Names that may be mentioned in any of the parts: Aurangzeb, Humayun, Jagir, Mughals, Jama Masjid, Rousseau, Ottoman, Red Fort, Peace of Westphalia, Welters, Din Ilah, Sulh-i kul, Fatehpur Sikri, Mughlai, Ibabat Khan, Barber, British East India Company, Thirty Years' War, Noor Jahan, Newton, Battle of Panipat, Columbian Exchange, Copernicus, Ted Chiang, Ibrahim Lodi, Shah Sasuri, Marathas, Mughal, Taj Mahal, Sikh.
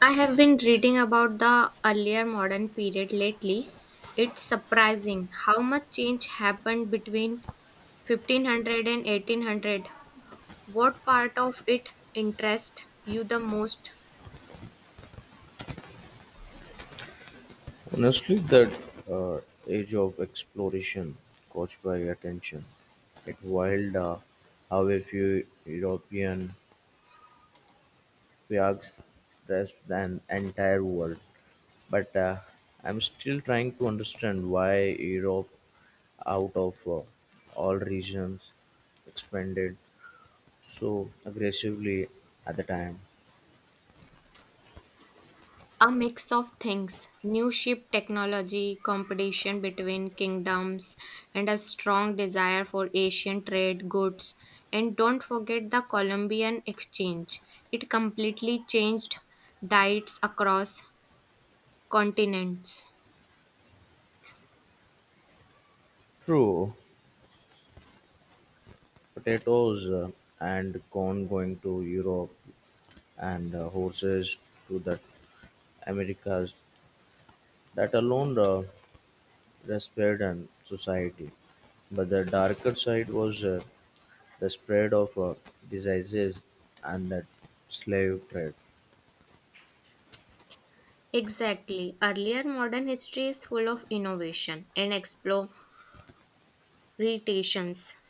I have been reading about the earlier modern period lately. It's surprising how much change happened between 1500 and 1800. What part of it interests you the most? Honestly, that uh, age of exploration caught my attention. It wild how a few European flags grasp an entire world. But I'm still trying to understand why Europe, out of all regions, expanded so aggressively at the time. A mix of things new ship technology, competition between kingdoms, and a strong desire for Asian trade goods. And don't forget the Columbian Exchange. It completely changed diets across continents. True, potatoes and corn going to Europe and horses to the Americas that alone respired an society. But the darker side was the spread of diseases and that slave trade, Exactly. Earlier modern history is full of innovation and explorations.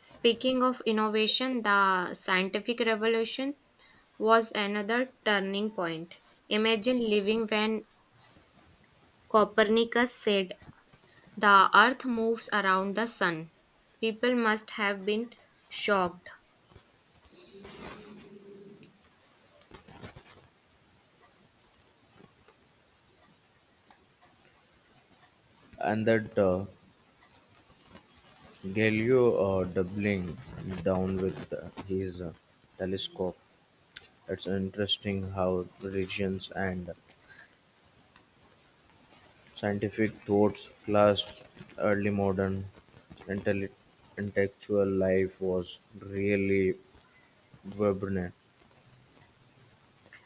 Speaking of innovation, the scientific revolution was another turning point. Imagine living when Copernicus said the earth moves around the sun. People must have been shocked. and that Galileo doubling down with his telescope. It's interesting how religions and scientific thoughts clashed. Early modern intelli- intellectual life was really vibrant.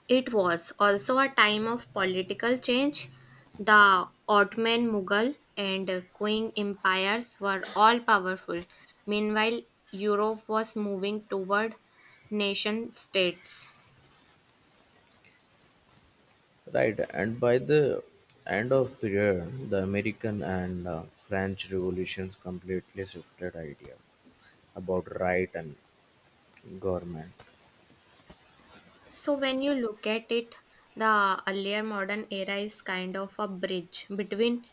It was also a time of political change. The Ottoman, Mughal, and Qing empires were all powerful. Meanwhile, Europe was moving toward nation states. Right, and by the end of period, the American and French revolutions completely shifted idea about right and government. So, when you look at it, the earlier modern era is kind of a bridge between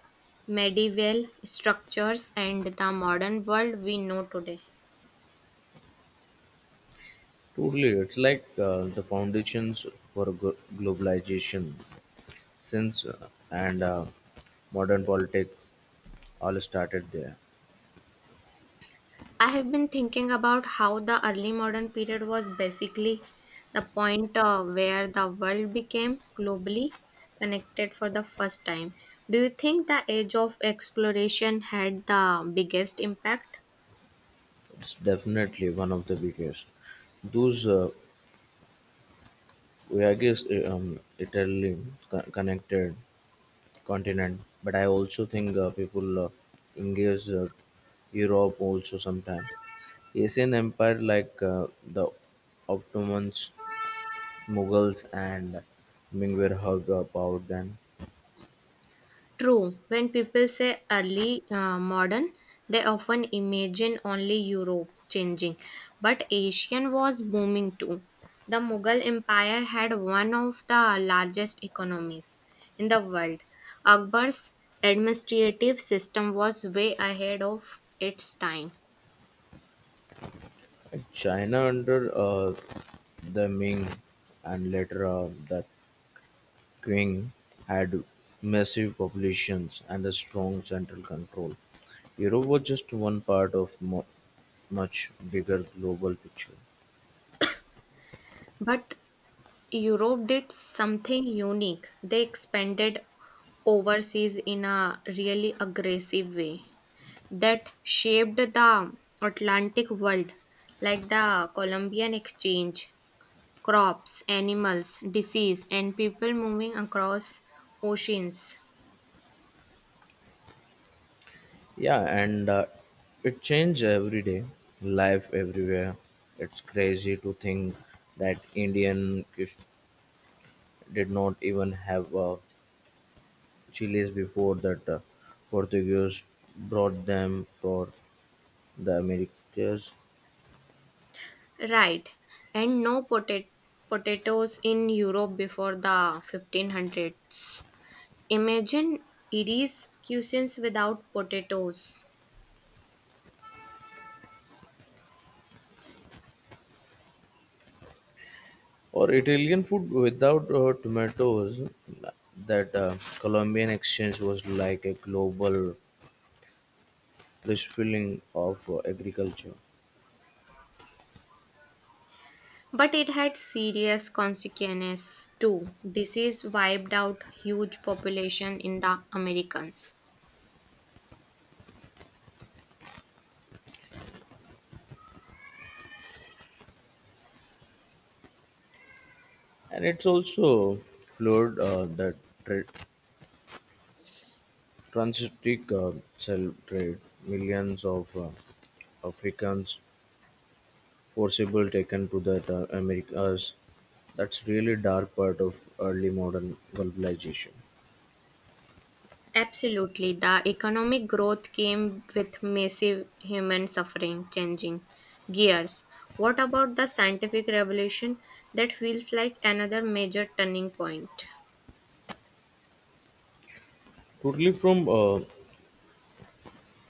medieval structures and the modern world we know today. Totally, it's like the foundations for globalization since and modern politics all started there. I have been thinking about how the early modern period was basically the point where the world became globally connected for the first time. Do you think the age of exploration had the biggest impact? It's definitely one of the biggest. Those Voyages Italy connected continent, but I also think people engage Europe also sometimes. Asian empire like the Ottomans, Mughals, and Ming were hugged about then. True, when people say early modern, they often imagine only Europe changing, but Asian was booming too. The Mughal Empire had one of the largest economies in the world. Akbar's administrative system was way ahead of its time. China under the Ming and later the Qing had massive populations and a strong central control. Europe was just one part of much bigger global picture. But Europe did something unique. They expanded overseas in a really aggressive way. That shaped the Atlantic world, like the Columbian Exchange, crops, animals, disease, and people moving across oceans. Yeah, and it changes every day, life everywhere. It's crazy to think that Indian did not even have chilies before that Portuguese brought them for the Americas. Right, and no potatoes in Europe before the 1500s. Imagine Irish cuisines without potatoes. Or Italian food without tomatoes, that Colombian exchange was like a global refilling of agriculture. But it had serious consequences too. Disease wiped out huge population in the Americans. And it's also floored the Transitic cell trade: millions of Africans forcibly taken to the Americas. That's really dark part of early modern globalization. Absolutely. The economic growth came with massive human suffering, changing gears. What about the scientific revolution? That feels like another major turning point. Totally, from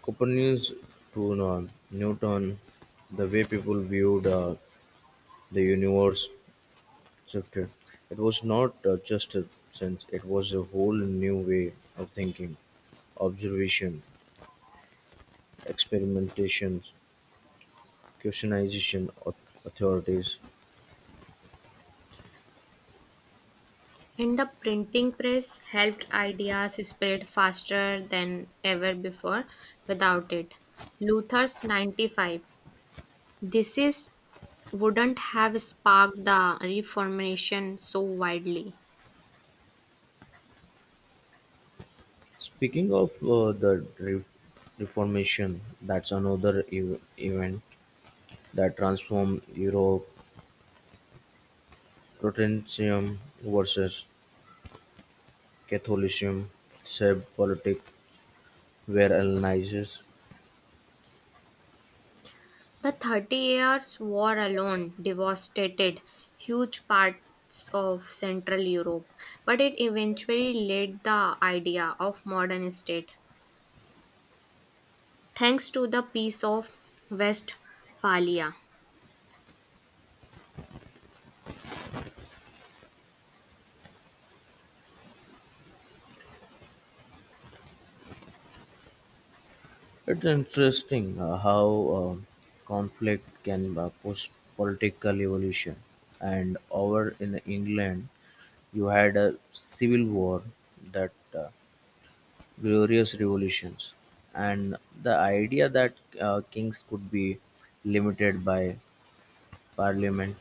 Copernicus to Newton, the way people viewed the universe shifted. It was not just a sense; it was a whole new way of thinking, observation, experimentations, Christianization authorities. And the printing press helped ideas spread faster than ever before without it. Luther's 95 This is wouldn't have sparked the reformation so widely. Speaking of the Reformation, that's another event that transformed Europe. Protestantism versus Catholicism, save politics were analyzed. The Thirty Years' War alone devastated huge parts of Central Europe, but it eventually led the idea of modern state thanks to the Peace of Westphalia. It's interesting how um conflict can push political evolution. And over in England, you had a civil war that glorious revolutions, and the idea that kings could be limited by parliament.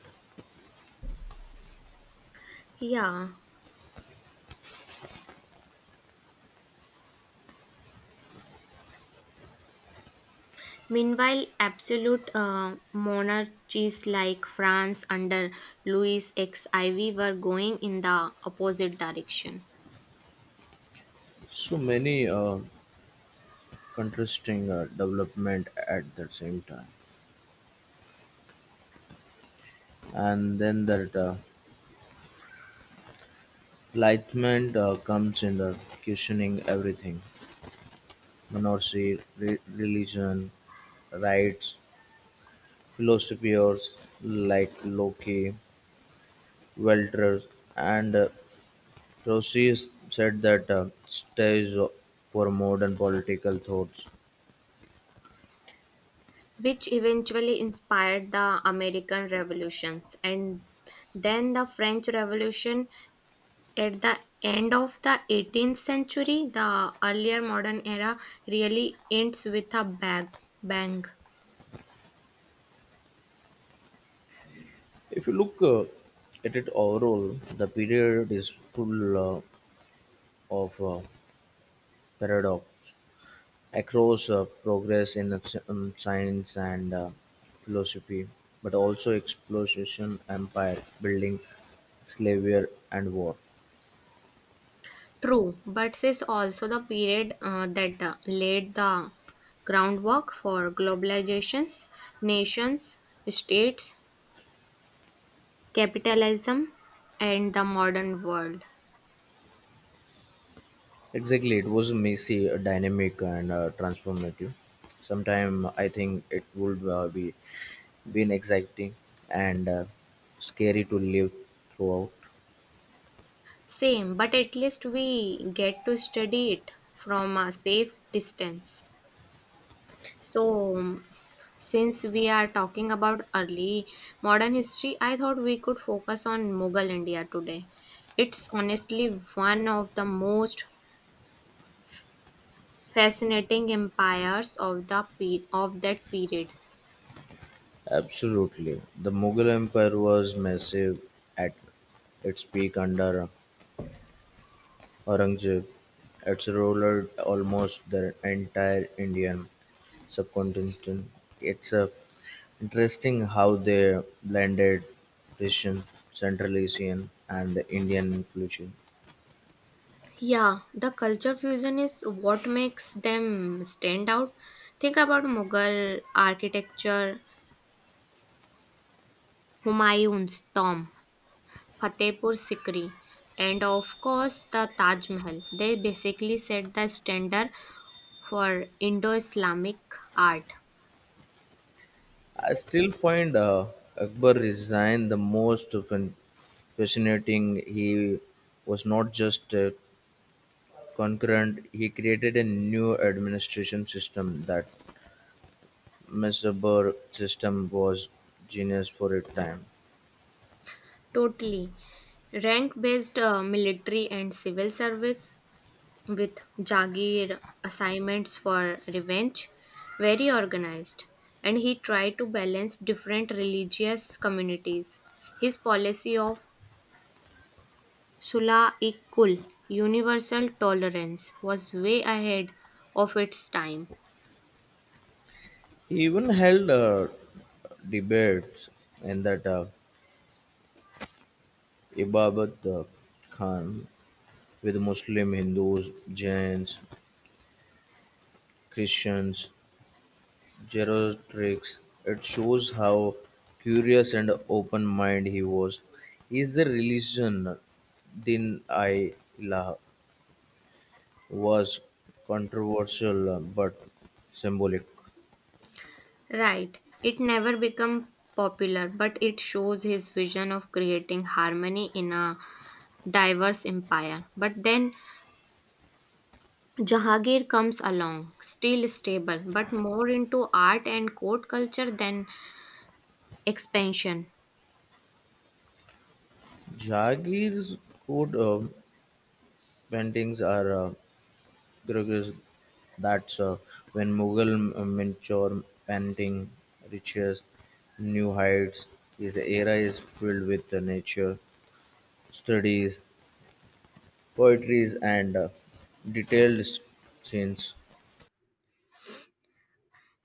Yeah. Meanwhile, absolute monarchies like France under Louis XIV were going in the opposite direction, So many contrasting development at the same time, and then that enlightenment comes in the questioning everything, monarchy, religion, rights, philosophers like Locke, Welters, and Rousseau said that stage for modern political thoughts. which eventually inspired the American Revolutions and then the French Revolution at the end of the 18th century. The earlier modern era really ends with a bang. If you look at it overall, the period is full of paradox across progress in science and philosophy, but also explosion, empire building, slavery, and war. True, but this is also the period that laid the groundwork for globalizations, nations, states, capitalism, and the modern world. Exactly, it was messy, dynamic, and transformative. Sometime I think it would be been exciting and scary to live throughout? Same, but at least we get to study it from a safe distance. So, since we are talking about early modern history, I thought we could focus on Mughal India today. It's honestly one of the most fascinating empires of that period. Absolutely. The Mughal Empire was massive at its peak under Aurangzeb. It's ruled almost the entire Indian subcontinent. It's interesting how they blended Persian, Central Asian, and the Indian influence. Yeah, the culture fusion is what makes them stand out. Think about Mughal architecture, Humayun's tomb, Fatehpur Sikri, and of course the Taj Mahal. They basically set the standard for Indo Islamic art. I still find Akbar Resign the most fascinating. He was not just a concurrent, he created a new administration system that Mesabar system was genius for a time. Totally. Rank based military and civil service with Jagir assignments for revenge. Very organized. And he tried to balance different religious communities. His policy of Sula kul universal tolerance, was way ahead of its time. He even held debates in that Ibabat Khan with Muslim, Hindus, Jains, Christians, Gerotrix. It shows how curious and open minded he was. Is the religion Din Ilah was controversial but symbolic. Right. It never became popular, but it shows his vision of creating harmony in a diverse empire. But then Jahangir comes along, still stable, but more into art and court culture than expansion. Jagir's coat paintings are gorgeous. That's when Mughal miniature painting reaches new heights. His era is filled with nature studies, poetries and detailed scenes.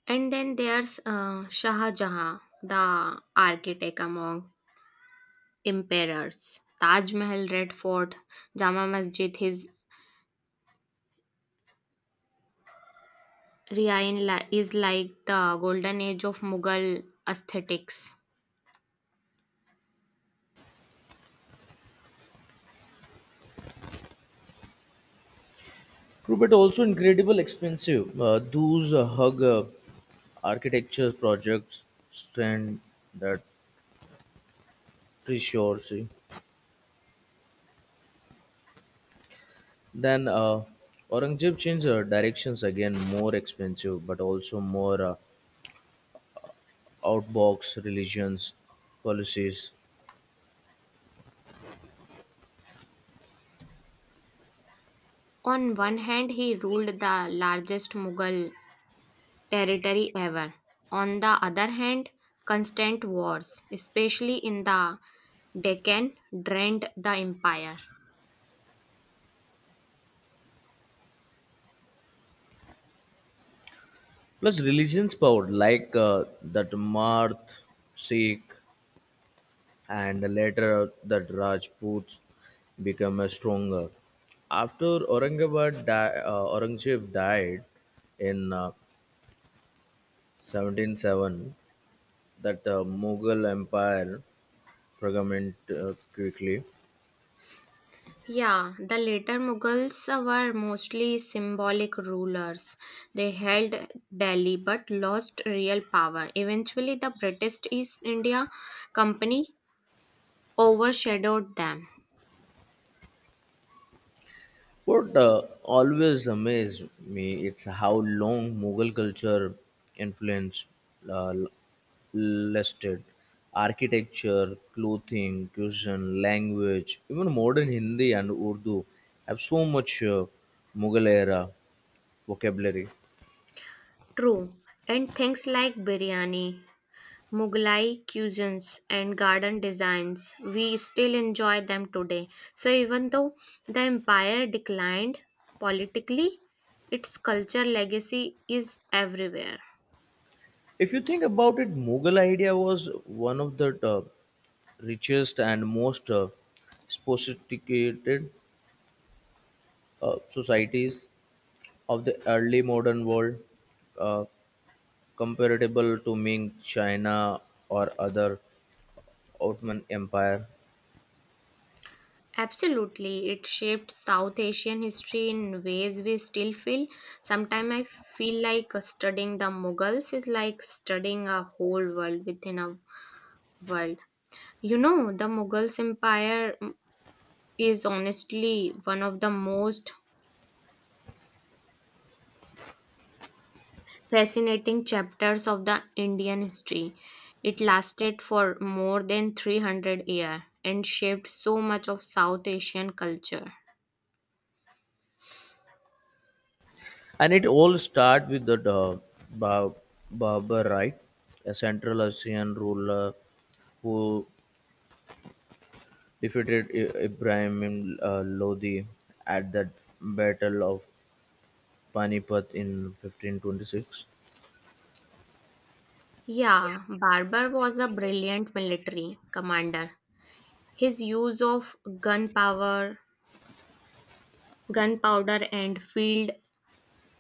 And then there's Shah Jahan, the architect among emperors. Taj Mahal, Red Fort, Jama Masjid, his reign is like the golden age of Mughal aesthetics. True, but also incredible expensive. Those hug architecture projects stand that precious. Then Aurangzeb changed directions again, more expensive, but also more outbox religions policies. On one hand, he ruled the largest Mughal territory ever. On the other hand, constant wars, especially in the Deccan, drained the empire. Plus religions power like that Marth, Sikh, and later the Rajputs became stronger. After Aurangzeb died in 1707, that Mughal Empire fragmented quickly. Yeah, the later Mughals were mostly symbolic rulers. They held Delhi but lost real power. Eventually, the British East India Company overshadowed them. What always amazed me it's how long Mughal culture influence uh, l- lasted. Architecture, clothing, cuisine, language, even modern Hindi and Urdu have so much Mughal era vocabulary. True. And things like biryani, Mughlai cuisines and garden designs, we still enjoy them today. So, even though the empire declined politically, its culture legacy is everywhere. If you think about it, Mughal idea was one of the richest and most sophisticated societies of the early modern world, uh, comparable to Ming China or other Ottoman Empire. Absolutely, it shaped South Asian history in ways we still feel. Sometimes I feel like studying the Mughals is like studying a whole world within a world. You know, the Mughals Empire is honestly one of the most fascinating chapters of the Indian history. It lasted for more than 300 years and shaped so much of South Asian culture. And it all starts with the Ba- Barbarite, a Central Asian ruler who defeated Ibrahim Lodi at the Battle of Panipat in 1526. Yeah, Barber was a brilliant military commander. His use of gunpowder and field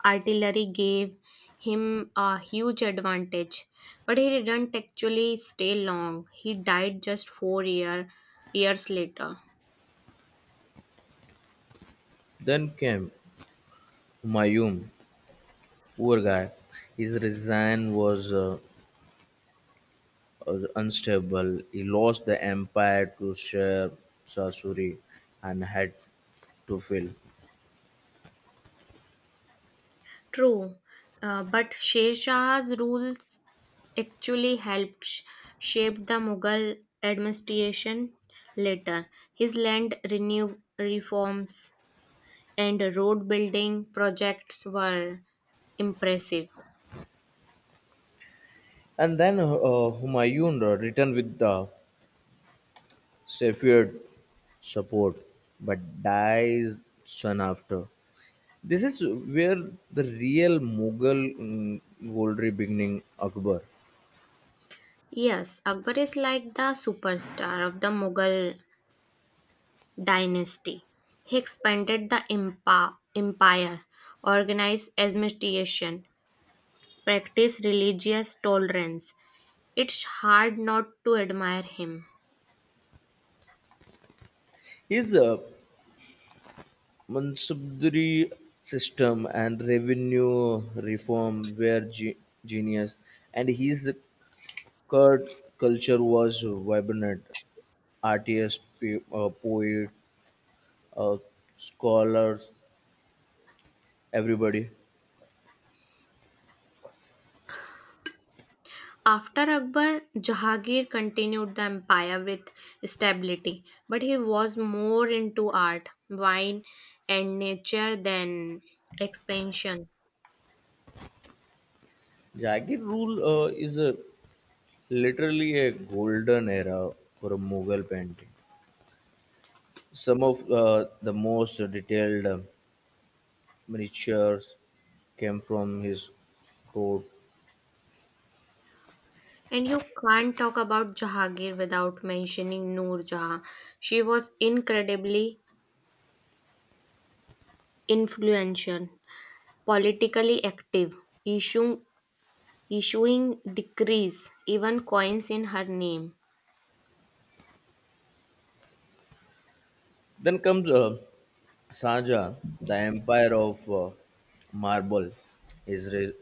artillery gave him a huge advantage, but he didn't actually stay long. He died just four years later. Then came Humayun, poor guy. His resign was unstable, he lost the empire to Shah Sasuri and had to fill. True, but Sher Shah's rules actually helped shape the Mughal administration later. His land renew reforms and road building projects were impressive. And then Humayun returned with the Safavid support, but dies soon after. This is where the real Mughal rivalry beginning Akbar. Yes, Akbar is like the superstar of the Mughal dynasty. He expanded the empire, organized administration, practiced religious tolerance. It's hard not to admire him. His Mansabdari system and revenue reform were genius, and his Kurt culture was vibrant. Artists, poets, uh, scholars, everybody. After Akbar, Jahangir continued the empire with stability, but he was more into art, wine, and nature than expansion. Jagged Rule is a, literally a golden era for a Mughal painting. Some of the most detailed miniatures came from his court. And you can't talk about Jahangir without mentioning Noor Jahan. She was incredibly influential, politically active, issuing, issuing decrees, even coins in her name. Then comes Saja, the empire of marble. His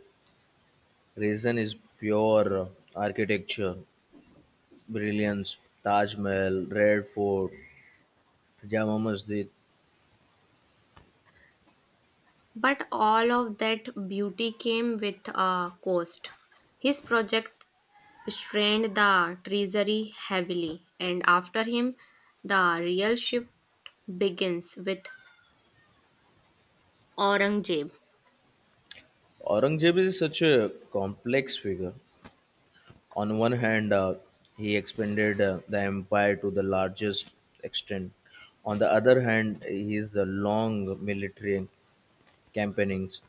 reason is pure architecture brilliance, Taj Mahal, Red Fort, Jama Masjid. But all of that beauty came with a cost. His project strained the treasury heavily, and after him, the real shift begins with Aurangzeb. Aurangzeb is such a complex figure. On one hand, he expanded the empire to the largest extent. On the other hand, his the long military campaignings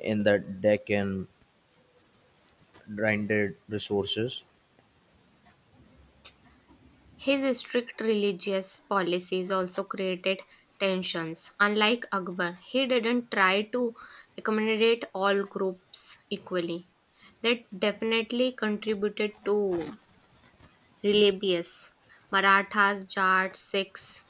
in the Deccan drained resources. His strict religious policies also created tensions. Unlike Akbar, he didn't try to accommodate all groups equally. That definitely contributed to Religious Marathas, Jats, Sikhs.